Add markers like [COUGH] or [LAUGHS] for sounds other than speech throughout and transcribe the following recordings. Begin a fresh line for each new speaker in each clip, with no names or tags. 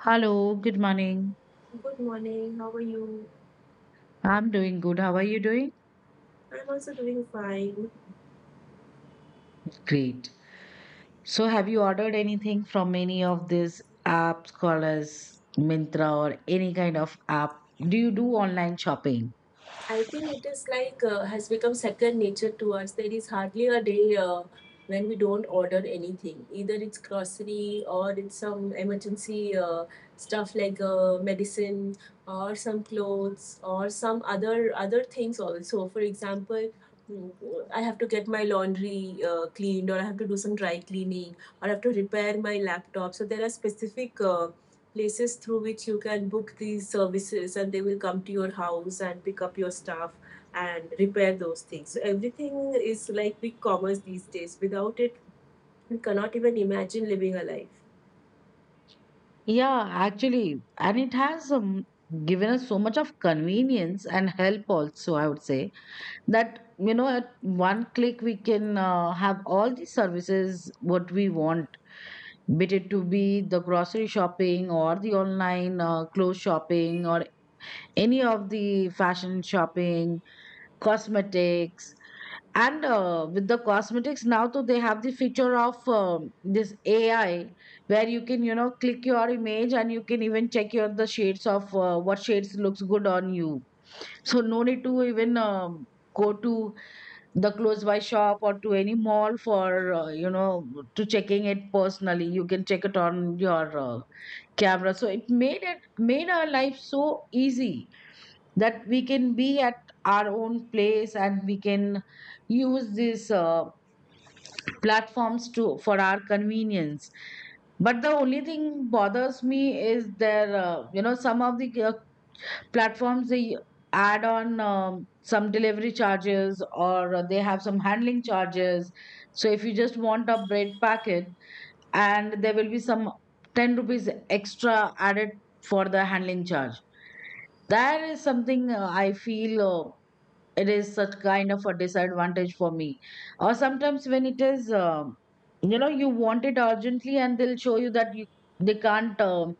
Hello, good morning.
Good morning. How are you?
I'm doing good. How are you doing?
I'm also doing fine.
Great. So, have you ordered anything from any of these apps, called as Mintra or any kind of app? Do you do online shopping?
I think it is like has become second nature to us. There is hardly a day when we don't order anything. Either it's grocery or it's some emergency stuff like medicine or some clothes or some other things also. For example, I have to get my laundry cleaned, or I have to do some dry cleaning, or I have to repair my laptop. So there are specific places through which you can book these services, and they will come to your house and pick up your stuff and repair those things. So everything is like big commerce these days. Without it, we cannot even imagine living a life.
Yeah, actually, and it has given us so much of convenience and help also, I would say, that, you know, at one click we can have all the services what we want, be it to be the grocery shopping or the online clothes shopping or any of the fashion shopping, cosmetics, and with the cosmetics now, too, they have the feature of this AI where you can, you know, click your image and you can even check your the shades of what shades looks good on you. So no need to even go to the close by shop or to any mall for you know to checking it personally. You can check it on your camera. So it made our life so easy that we can be at our own place and we can use these platforms to for our convenience, but the only thing bothers me is there you know, some of the platforms, they add on some delivery charges, or they have some handling charges. So if you just want a bread packet, and there will be some 10 rupees extra added for the handling charge, that is something I feel it is such kind of a disadvantage for me. Or sometimes when it is you know, you want it urgently and they'll show you that you they can't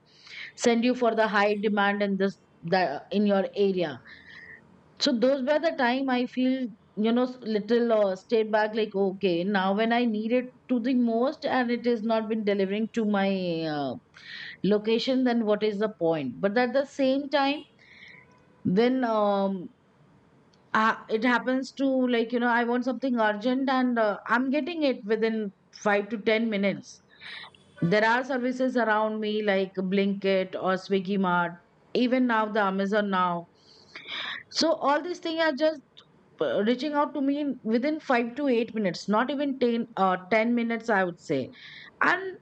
send you for the high demand in this the in your area. So those were the time I feel, you know, little stayed back, like okay, now when I need it to the most and it has not been delivering to my uh, location, then what is the point? But at the same time, when it happens to, like, you know, I want something urgent and I'm getting it within 5 to 10 minutes. There are services around me like Blinkit or Swiggy Mart, even now the Amazon now. So all these things are just reaching out to me within 5 to 8 minutes, not even 10 minutes, I would say. And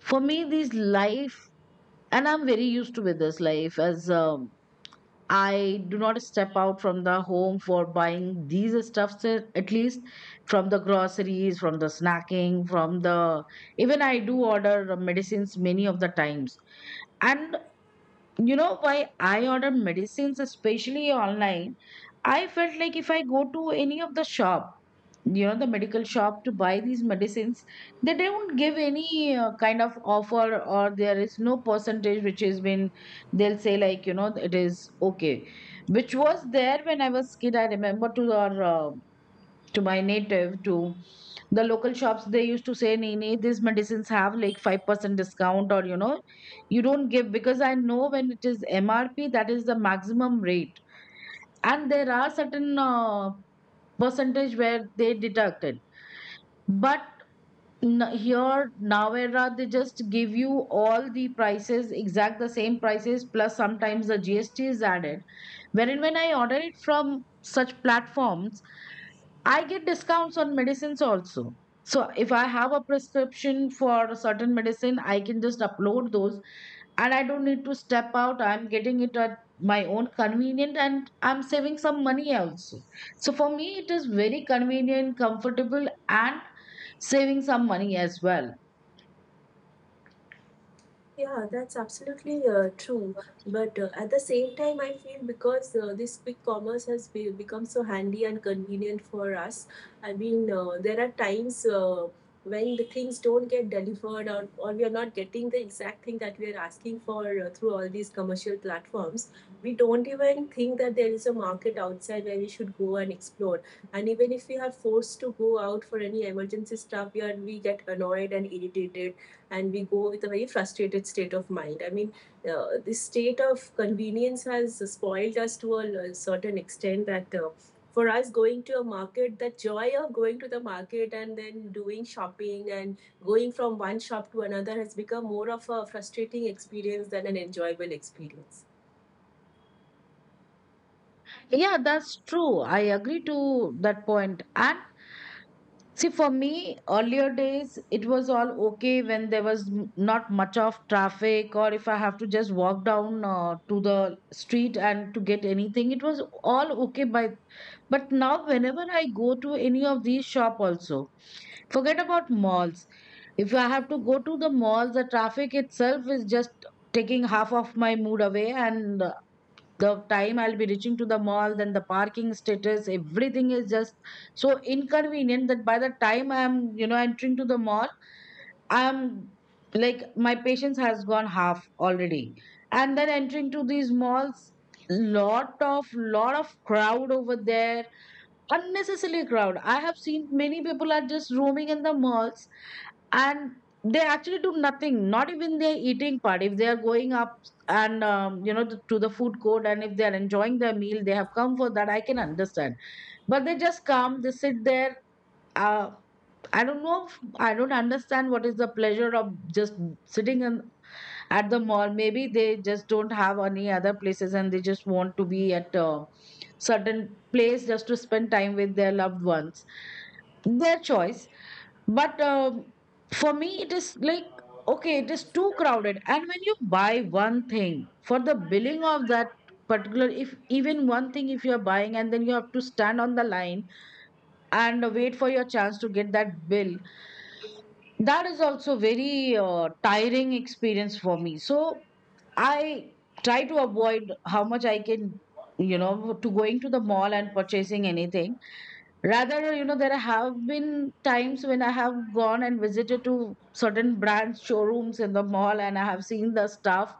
for me, this life, and I'm very used to with this life, as I do not step out from the home for buying these stuffs, at least from the groceries, from the snacking, from the, even I do order medicines many of the times. And you know why I order medicines, especially online? I felt like if I go to any of the shop, you know, the medical shop, to buy these medicines, they don't give any kind of offer, or there is no percentage which has been, they'll say like, you know, it is okay, which was there when I was kid. I remember, to our to my native, to the local shops, they used to say, nee nee, these medicines have like 5% discount, or you know, you don't give, because I know when it is MRP, that is the maximum rate, and there are certain percentage where they deduct it. But here Navera, they just give you all the prices exact the same prices, plus sometimes the GST is added. Wherein, when I order it from such platforms, I get discounts on medicines also. So if I have a prescription for a certain medicine, I can just upload those, and I don't need to step out. I'm getting it at my own convenient, and I'm saving some money also. So for me, it is very convenient, comfortable, and saving some money as well.
Yeah, that's absolutely true. But at the same time, I feel because this quick commerce has become so handy and convenient for us. I mean, there are times when the things don't get delivered, or we are not getting the exact thing that we are asking for through all these commercial platforms. We don't even think that there is a market outside where we should go and explore. And even if we are forced to go out for any emergency stuff, we get annoyed and irritated, and we go with a very frustrated state of mind. I mean, this state of convenience has spoiled us to a certain extent that. For us, going to a market, the joy of going to the market and then doing shopping and going from one shop to another has become more of a frustrating experience than an enjoyable experience.
Yeah, that's true. I agree to that point. And see, for me, earlier days, it was all okay when there was not much of traffic, or if I have to just walk down to the street and to get anything, it was all okay by. But now, whenever I go to any of these shop also, forget about malls. If I have to go to the mall, the traffic itself is just taking half of my mood away, and the time I'll be reaching to the mall, then the parking status, everything is just so inconvenient that by the time I'm, you know, entering to the mall, I'm, like, my patience has gone half already. And then entering to these malls, lot of crowd over there, unnecessarily crowd, I have seen many people are just roaming in the malls, and they actually do nothing, not even their eating part. If they are going up and you know, to the food court, and if they are enjoying their meal, they have come for that, I can understand. But they just come, they sit there, uh, I don't know I don't understand what is the pleasure of just sitting in, at the mall. Maybe they just don't have any other places and they just want to be at a certain place, just to spend time with their loved ones. Their choice. But for me, it is like, okay, it is too crowded, and when you buy one thing, for the billing of that particular, if even one thing if you are buying, and then you have to stand on the line and wait for your chance to get that bill, that is also very tiring experience for me. So I try to avoid how much I can, you know, to going to the mall and purchasing anything. Rather, you know, there have been times when I have gone and visited to certain brands showrooms in the mall, and I have seen the stuff,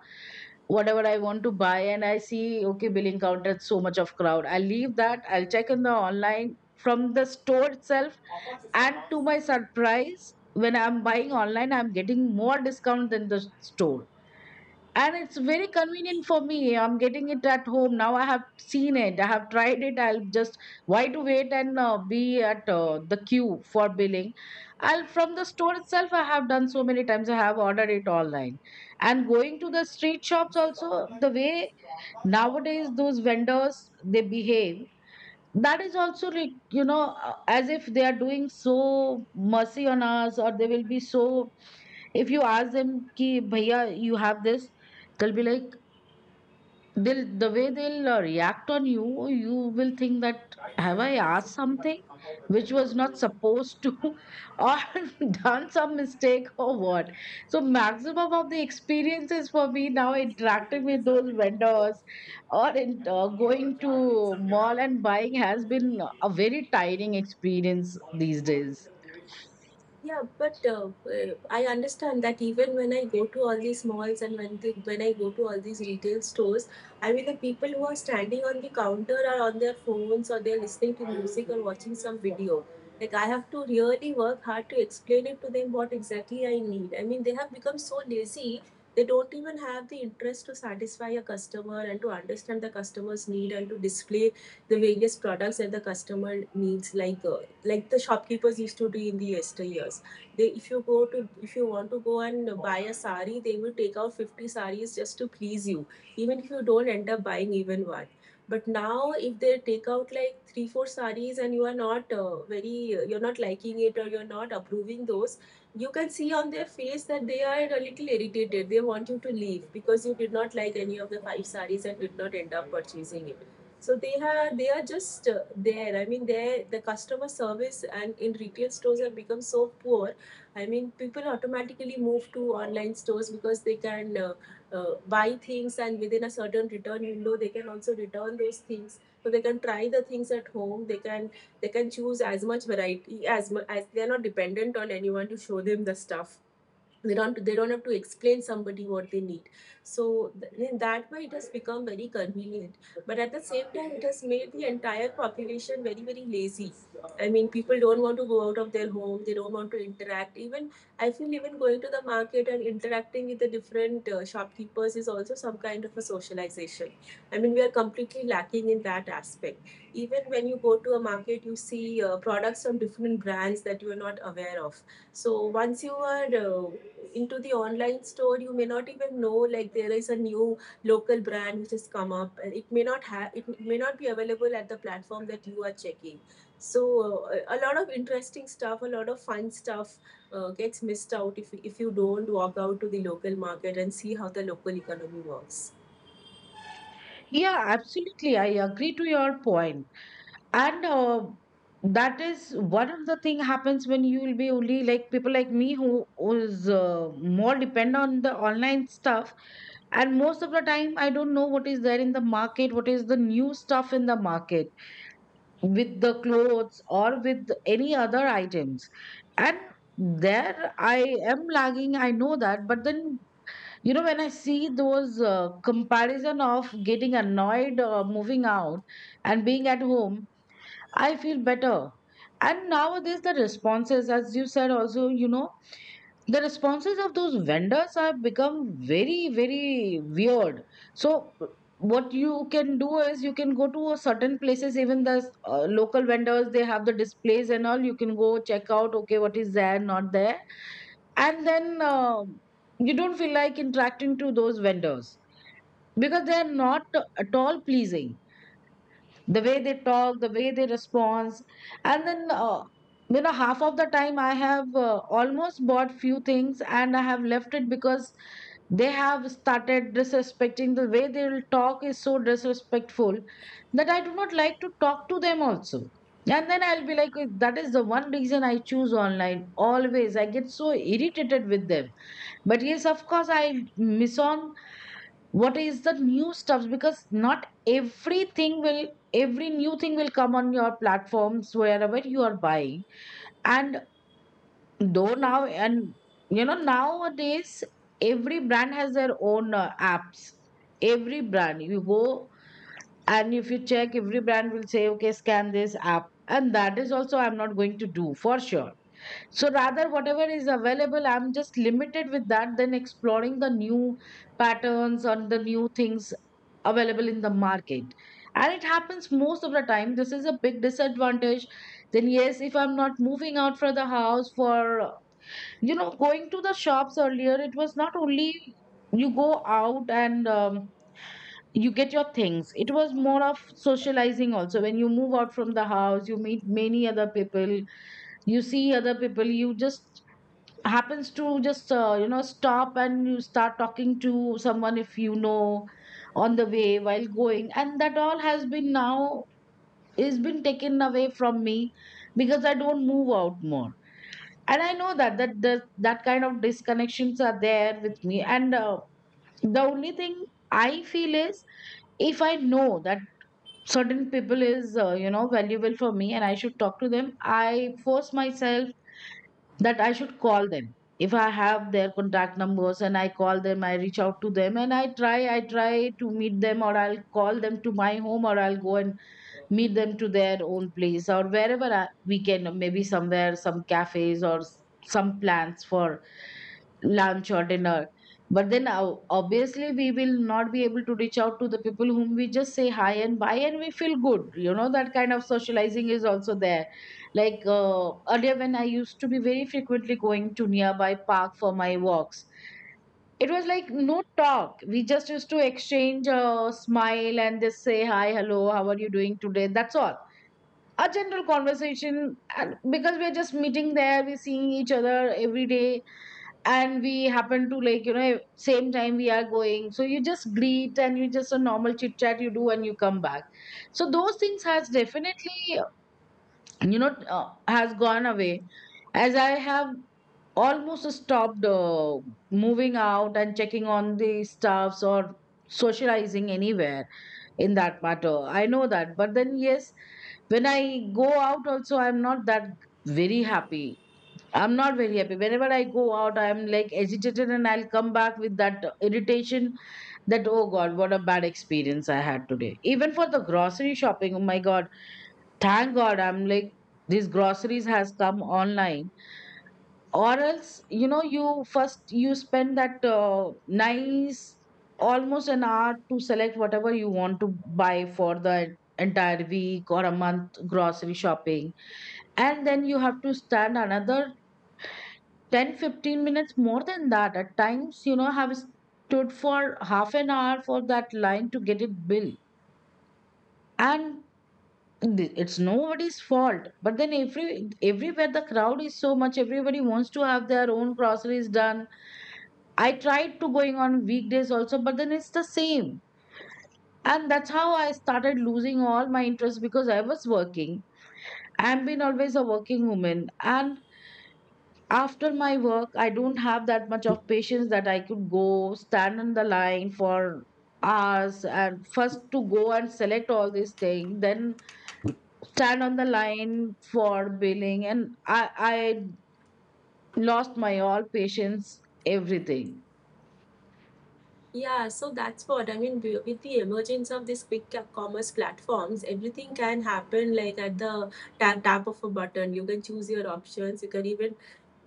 whatever I want to buy, and I see, okay, billing counter, so much of crowd. I'll leave that, I'll check in the online from the store itself, and to my surprise, when I'm buying online, I'm getting more discount than the store. And it's very convenient for me. I'm getting it at home. Now I have seen it, I have tried it, I'll just, why to wait and be at the queue for billing? I'll from the store itself. I have done so many times, I have ordered it online. And going to the street shops also, the way nowadays those vendors they behave, that is also you know, as if they are doing so mercy on us, or they will be so. If you ask them, "Ki bhaiya, you have this." They'll be like, the way they'll react on you, you will think that, have I asked something which was not supposed to [LAUGHS] or [LAUGHS] done some mistake or what. So maximum of the experiences for me now, interacting with those vendors, or going to mall and buying, has been a very tiring experience these days.
Yeah, but I understand that even when I go to all these malls and when I go to all these retail stores, I mean the people who are standing on the counter are on their phones, or they're listening to music or watching some video. Like, I have to really work hard to explain it to them what exactly I need. I mean, they have become so lazy. They don't even have the interest to satisfy a customer and to understand the customer's need and to display the various products that the customer needs, like the shopkeepers used to do in the yesteryears. They, if you want to go and buy a sari, they will take out 50 saris just to please you, even if you don't end up buying even one. But now, if they take out like three, four saris, and you are not very, you're not liking it or you're not approving those, you can see on their face that they are a little irritated. They want you to leave because you did not like any of the five saris and did not end up purchasing it. So they are just there. I mean, there the customer service and in retail stores have become so poor. I mean, people automatically move to online stores because they can buy things, and within a certain return window they can also return those things. So they can try the things at home. They can choose as much variety as they are not dependent on anyone to show them the stuff. They don't have to explain somebody what they need. So in that way it has become very convenient, but at the same time it has made the entire population very, very lazy. I mean, people don't want to go out of their home, they don't want to interact even. I feel even going to the market and interacting with the different shopkeepers is also some kind of a socialization. I mean, we are completely lacking in that aspect. Even when you go to a market, you see products from different brands that you are not aware of. So once you are into the online store, you may not even know, like, there is a new local brand which has come up, and it may not be available at the platform that you are checking. So a lot of interesting stuff, a lot of fun stuff gets missed out if you don't walk out to the local market and see how the local economy works.
Yeah, absolutely, I agree to your point. And that is one of the thing happens when you will be only like people like me, who is more depend on the online stuff, and most of the time I don't know what is there in the market, what is the new stuff in the market, with the clothes or with any other items. And there I am lagging, I know that. But then, you know, when I see those comparison of getting annoyed or moving out and being at home, I feel better. And nowadays, the responses, as you said, also, you know, the responses of those vendors have become very, very weird. So, what you can do is you can go to a certain places, even the local vendors, they have the displays and all. You can go check out, okay, what is there, not there. And then you don't feel like interacting to those vendors because they are not at all pleasing, the way they talk, the way they respond. And then you know, half of the time I have almost bought few things and I have left it because they have started disrespecting. The way they will talk is so disrespectful that I do not like to talk to them also. And then I'll be like, "Oh, that is the one reason I choose online always. I get so irritated with them. But yes, of course, I miss on what is the new stuff, because not everything will, every new thing will come on your platforms wherever you are buying. And though now, and you know, nowadays every brand has their own apps. Every brand you go, and if you check, every brand will say, okay, scan this app, and that is also I'm not going to do, for sure. So rather, whatever is available, I'm just limited with that, then exploring the new patterns or the new things available in the market. And it happens most of the time. This is a big disadvantage. Then yes, if I'm not moving out for the house, for you know, going to the shops earlier, it was not only you go out and you get your things, it was more of socializing also. When you move out from the house, you meet many other people, you see other people, you just happens to just you know, stop and you start talking to someone if you know on the way while going. And that all has been now, is been taken away from me, because I don't move out more. And I know that that kind of disconnections are there with me. And the only thing I feel is, if I know that certain people is you know, valuable for me and I should talk to them, I force myself that I should call them. If I have their contact numbers, and I call them, I reach out to them and I try to meet them, or I'll call them to my home, or I'll go and meet them to their own place, or wherever I, we can, maybe somewhere, some cafes or some plans for lunch or dinner. But then obviously, we will not be able to reach out to the people whom we just say hi and bye and we feel good. You know, that kind of socializing is also there. Like earlier when I used to be very frequently going to nearby park for my walks, it was like, no talk, we just used to exchange a smile and just say hi, hello, how are you doing today, that's all. A general conversation, and because we're just meeting there, we're seeing each other every day, and we happen to, like, you know, same time we are going, so you just greet, and you just a normal chit chat you do, and you come back. So those things has definitely, you know, uh, has gone away, as I have almost stopped moving out and checking on the staffs, or socializing anywhere in that matter. I know that. But then yes, when I go out also, I'm not that very happy. I'm not very happy. Whenever I go out, I'm like agitated, and I'll come back with that irritation, that, oh God, what a bad experience I had today. Even for the grocery shopping, oh my God, thank God, I'm like, these groceries has come online. Or else, you know, you first, you spend that nice almost an hour to select whatever you want to buy for the entire week or a month grocery shopping. And then you have to stand another 10 15 minutes, more than that at times, you know, have stood for half an hour for that line to get it billed. And it's nobody's fault, but then everywhere the crowd is so much, everybody wants to have their own groceries done. I tried to going on weekdays also, but then it's the same. And that's how I started losing all my interest, because I was working. I've been always a working woman. And after my work, I don't have that much of patience that I could go stand in the line for hours and first to go and select all these things, then stand on the line for billing. And I lost my all patience, everything.
Yeah, so that's what I mean. With the emergence of these big commerce platforms, everything can happen, like, at the tap of a button. You can choose your options, you can even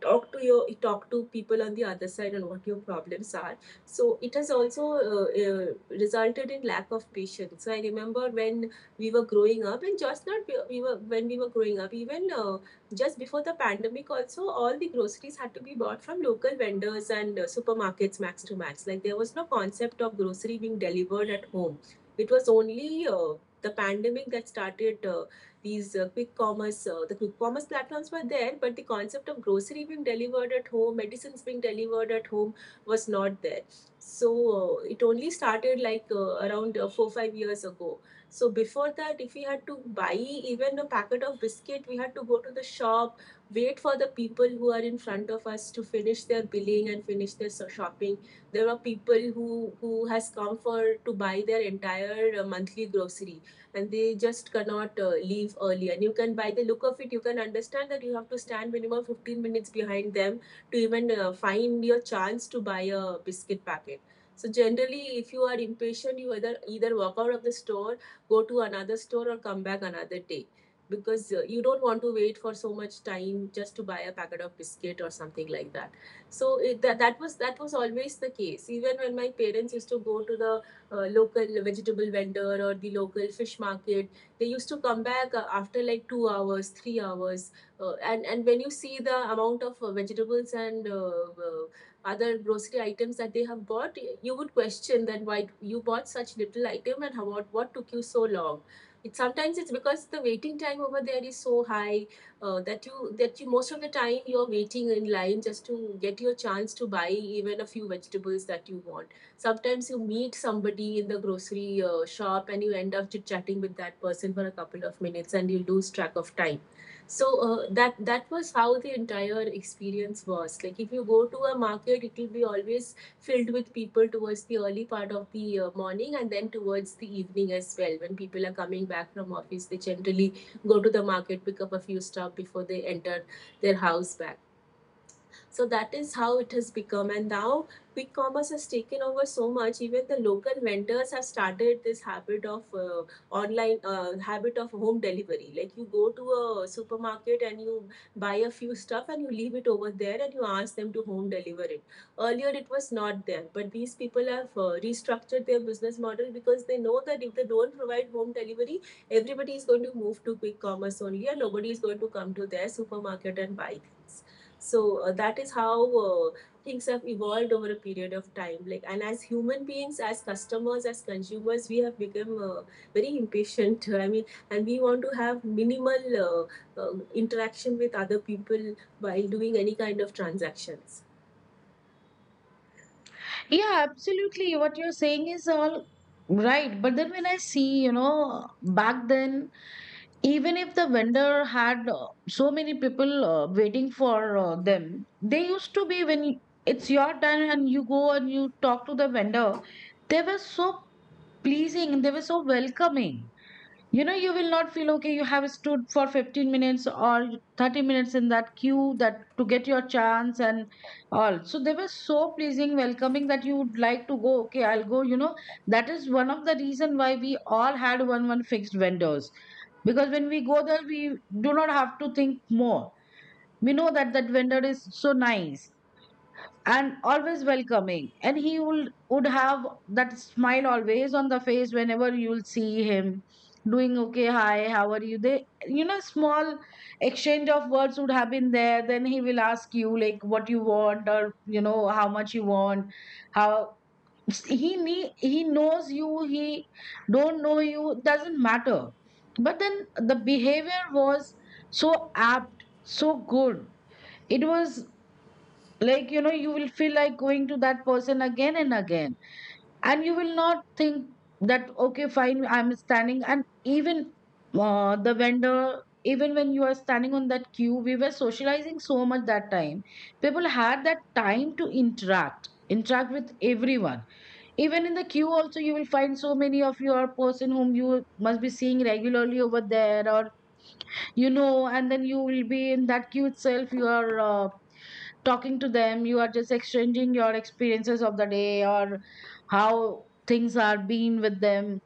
talk to people on the other side on what your problems are. So it has also uh, uh, resulted in lack of patience. So I remember when we were growing up, and just not we were, when we were growing up, even just before the pandemic also, all the groceries had to be bought from local vendors and supermarkets, max to max. Like, there was no concept of grocery being delivered at home. It was only uh, the pandemic that started. Uh, these quick commerce, the quick commerce platforms were there, but the concept of grocery being delivered at home, medicines being delivered at home, was not there. So it only started like around 4 5 years ago. So before that, if we had to buy even a packet of biscuit, we had to go to the shop, wait for the people who are in front of us to finish their billing and finish their shopping. There were people who has come for to buy their entire monthly grocery, and they just cannot leave early. And you can, by the look of it, you can understand that you have to stand minimum 15 minutes behind them to even find your chance to buy a biscuit packet. So generally, if you are impatient, you either walk out of the store, go to another store, or come back another day, because you don't want to wait for so much time just to buy a packet of biscuit or something like that. So it, that, that was always the case. Even when my parents used to go to the local vegetable vendor or the local fish market, they used to come back after like 2 hours 3 hours. And when you see the amount of vegetables and uh, other grocery items that they have bought, you would question that why you bought such little item, and how, what took you so long. It Sometimes it's because the waiting time over there is so high. That you most of the time you're waiting in line just to get your chance to buy even a few vegetables that you want. Sometimes you meet somebody in the grocery shop and you end up chit chatting with that person for a couple of minutes and you lose track of time. So that was how the entire experience was. Like, if you go to a market, it will be always filled with people towards the early part of the morning, and then towards the evening as well, when people are coming back from office they generally go to the market, pick up a few stuff before they enter their house back. So that is how it has become. And now quick commerce has taken over so much. Even the local vendors have started this habit of online habit of home delivery. Like, you go to a supermarket and you buy a few stuff and you leave it over there and you ask them to home deliver it. Earlier it was not there, but these people have restructured their business model, because they know that if they don't provide home delivery, everybody is going to move to quick commerce only, and nobody is going to come to their supermarket and buy things. So that is how uh, things have evolved over a period of time. Like, and as human beings, as customers, as consumers, we have become very impatient. [LAUGHS] I mean, and we want to have minimal interaction with other people while doing any kind of transactions.
Yeah, absolutely. What you're saying is all right. But then when I see, you know, back then, even if the vendor had so many people waiting for them, they used to be when it's your turn and you go and you talk to the vendor, they were so pleasing, they were so welcoming. You know, you will not feel, okay, you have stood for 15 minutes or 30 minutes in that queue, that to get your chance and all. So they were so pleasing, welcoming, that you would like to go, okay, I'll go, you know. That is one of the reason why we all had one fixed vendors, because when we go there, we do not have to think more. We know that that vendor is so nice and always welcoming, and he would have that smile always on the face whenever you'll see him. Doing, okay, hi, how are you, they, you know, small exchange of words would have been there, then he will ask you like what you want, or you know, how much you want. How he need, he knows you, he don't know you, doesn't matter. But then the behavior was so apt, so good. It was, like, you know, you will feel like going to that person again and again. And you will not think that, okay, fine, I'm standing. And even the vendor, even when you are standing on that queue, we were socializing so much that time. People had that time to interact with everyone. Even in the queue also, you will find so many of your person whom you must be seeing regularly over there, or you know. And then you will be in that queue itself, you are talking to them, you are just exchanging your experiences of the day, or how things are being with them.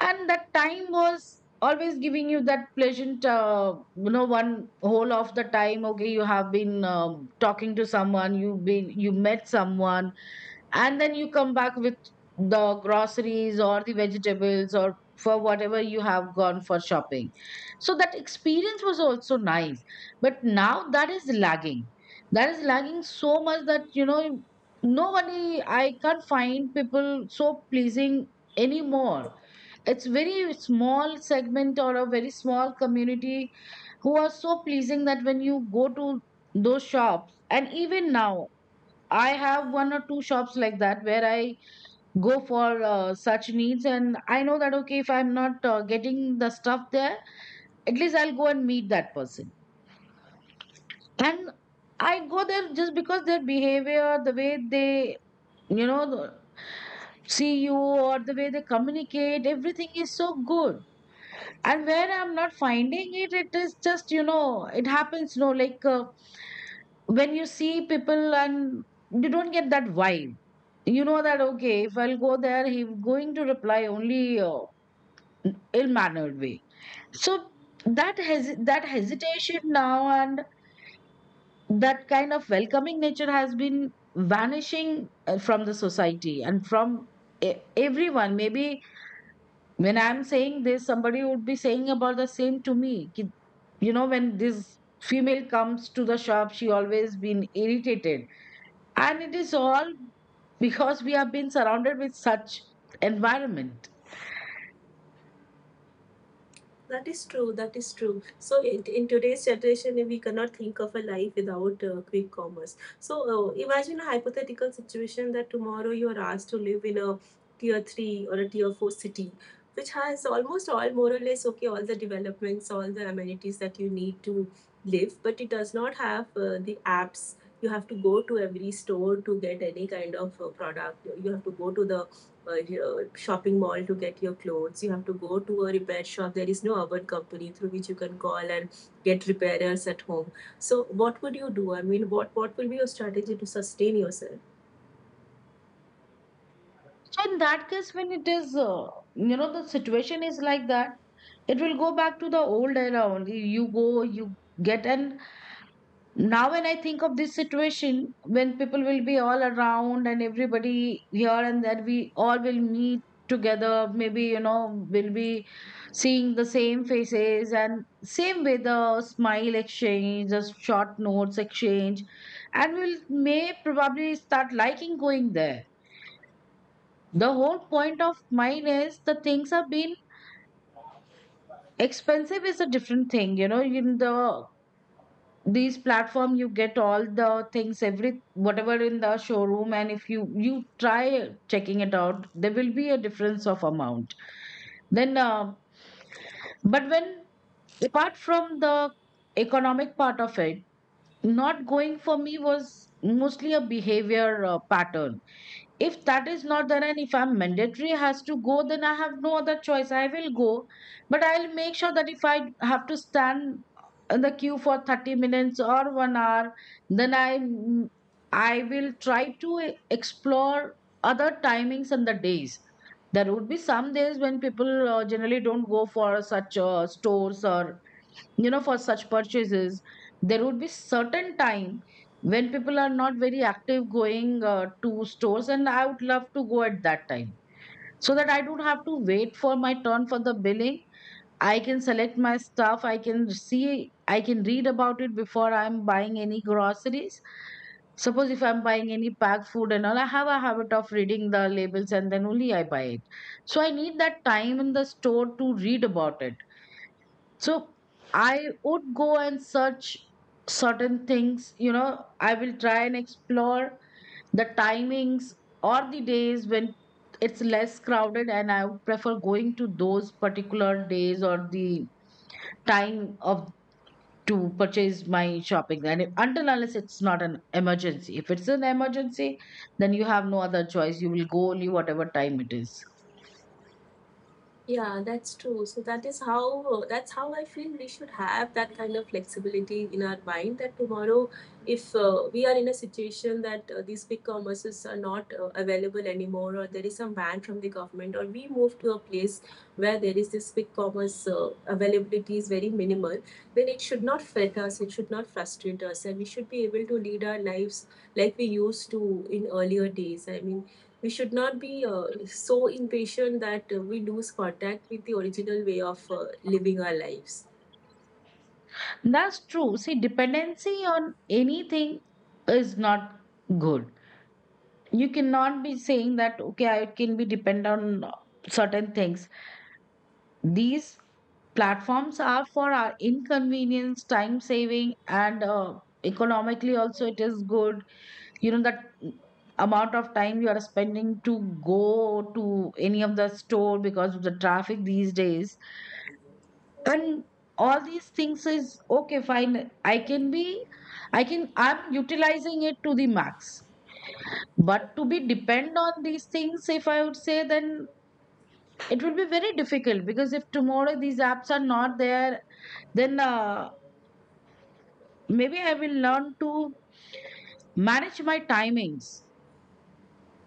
And that time was always giving you that pleasant you know, one whole of the time, okay, you have been talking to someone, you've been, you met someone. And then you come back with the groceries or the vegetables or for whatever you have gone for shopping. So that experience was also nice, but now that is lagging. That is lagging so much that, you know, nobody, I can't find people so pleasing anymore. It's very small segment, or a very small community who are so pleasing, that when you go to those shops. And even now I have one or two shops like that, where I go for such needs, and I know that, okay, if I'm not getting the stuff there, at least I'll go and meet that person. And I go there just because their behavior, the way they, you know, see you, or the way they communicate, everything is so good. And where I'm not finding it, it is just, you know, it happens, you know, like. When you see people and you don't get that vibe, you know, that okay, if I'll go there, he's going to reply only ill-mannered way. So that hes that hesitation now, and that kind of welcoming nature has been vanishing from the society, and from e- everyone. Maybe when I'm saying this, somebody would be saying about the same to me. You know, when this female comes to the shop, she always been irritated. And it is all because we have been surrounded with such environment.
That is true. That is true. So, in today's generation, we cannot think of a life without quick commerce. So, imagine a hypothetical situation that tomorrow you are asked to live in a tier 3 or a tier 4 city, which has almost all, more or less, okay, all the developments, all the amenities that you need to live, but it does not have the apps. You have to go to every store to get any kind of product. You have to go to the uh, shopping mall to get your clothes. You have to go to a repair shop. There is no urban company through which you can call and get repairers at home. So, what would you do? I mean, what will be your strategy to sustain yourself?
So in that case, when it is, you know, the situation is like that, it will go back to the old era only. You go, you get, and now, when I think of this situation, when people will be all around and everybody here and there, we all will meet together. Maybe, you know, we'll be seeing the same faces, and same way the smile exchange, the short notes exchange, and we'll may probably start liking going there. The whole point of mine is the things are being expensive is a different thing, you know, in the these platform you get all the things every whatever in the showroom, and if you try checking it out there will be a difference of amount then but when apart from the economic part of it, not going for me was mostly a behavior pattern. If that is not there and if I'm mandatory has to go, then I have no other choice, I will go. But I'll make sure that if I have to stand in the queue for 30 minutes or 1 hour, then I will try to explore other timings and the days. There would be some days when people generally don't go for such stores, or you know, for such purchases. There would be certain time when people are not very active going to stores, and I would love to go at that time so that I don't have to wait for my turn for the billing. I can select my stuff, I can see, I can read about it before I'm buying any groceries. Suppose if I'm buying any packed food and all, I have a habit of reading the labels and then only I buy it. So I need that time in the store to read about it. So I would go and search certain things, you know, I will try and explore the timings or the days when it's less crowded, and I would prefer going to those particular days or the time of to purchase my shopping. And if, until unless it's not an emergency, if it's an emergency, then you have no other choice, you will go only whatever time it is.
Yeah, that's true. So that's how I feel we should have that kind of flexibility in our mind, that tomorrow, if we are in a situation that these big commerces are not available anymore, or there is some ban from the government, or we move to a place where there is this big commerce availability is very minimal, then it should not fret us, it should not frustrate us, and we should be able to lead our lives like we used to in earlier days. I mean, we should not be so impatient that we lose contact with the original way of living our lives.
That's true, see, dependency on anything is not good. You cannot be saying that okay, I can be depend on certain things. These platforms are for our inconvenience, time saving, and economically also it is good. You know, that amount of time you are spending to go to any of the store because of the traffic these days and all these things is okay, fine, I can be, I can, I'm utilizing it to the max. But to be depend on these things, if I would say, then it will be very difficult because if tomorrow these apps are not there, then maybe I will learn to manage my timings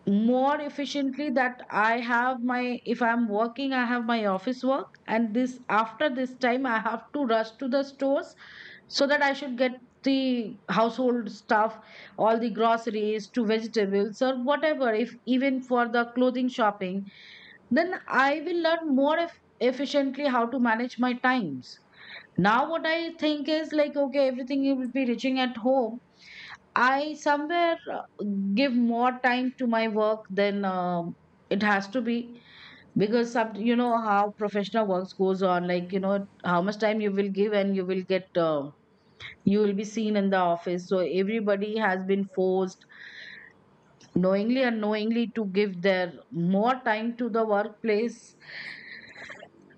more efficiently, that I have my, if I'm working, I have my office work. And this, after this time, I have to rush to the stores so that I should get the household stuff, all the groceries to vegetables or whatever, if even for the clothing shopping, then I will learn more efficiently how to manage my times. Now, what I think is like, okay, everything you will be reaching at home. I somewhere give more time to my work than it has to be because some, you know how professional works goes on. Like you know how much time you will give and you will get you will be seen in the office. So everybody has been forced knowingly and unknowingly to give their more time to the workplace,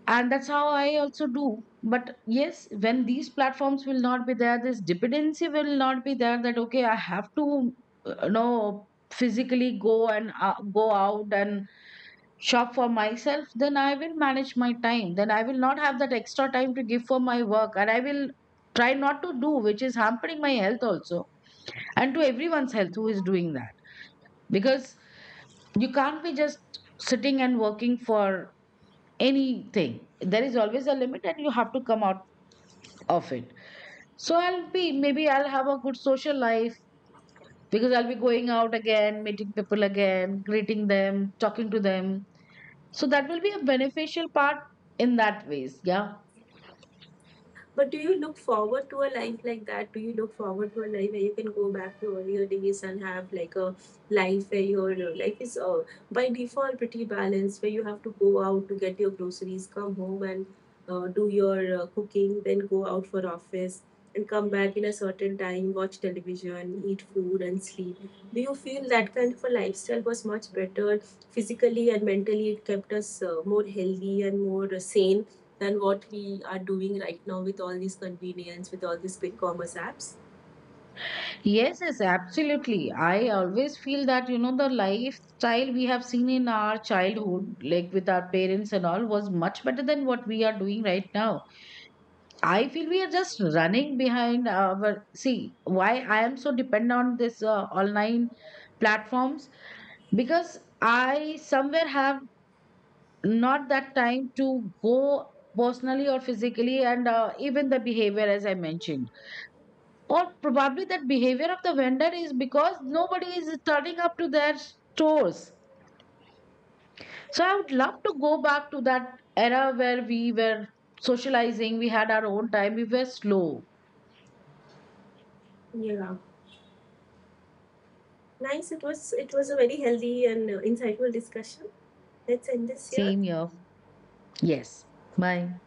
and that's how I also do. But yes, when these platforms will not be there, this dependency will not be there, that okay, I have to you know, physically go and go out and shop for myself, then I will manage my time, then I will not have that extra time to give for my work, and I will try not to do which is hampering my health also, and to everyone's health who is doing that. Because you can't be just sitting and working for anything, there is always a limit and you have to come out of it. So I'll be, maybe I'll have a good social life because I'll be going out again, meeting people again, greeting them, talking to them. So that will be a beneficial part in that ways. Yeah.
But do you look forward to a life like that? Do you look forward to a life where you can go back to earlier days and have like a life where your life is by default pretty balanced, where you have to go out to get your groceries, come home and do your cooking, then go out for office and come back in a certain time, watch television, eat food and sleep. Do you feel that kind of a lifestyle was much better physically and mentally? It kept us more healthy and more sane than what we are doing right now with all these convenience, with all these quick commerce apps.
Yes, yes, absolutely. I always feel that, you know, the lifestyle we have seen in our childhood, like with our parents and all, was much better than what we are doing right now. I feel we are just running behind our. See, why I am so dependent on this online platforms because I somewhere have not that time to go personally or physically, and even the behavior, as I mentioned, or probably that behavior of the vendor is because nobody is turning up to their stores. So I would love to go back to that era where we were socializing, we had our own time, we were slow.
Yeah. Nice. It was a very healthy and insightful discussion. Let's end this here.
Same here. Yes. Bye.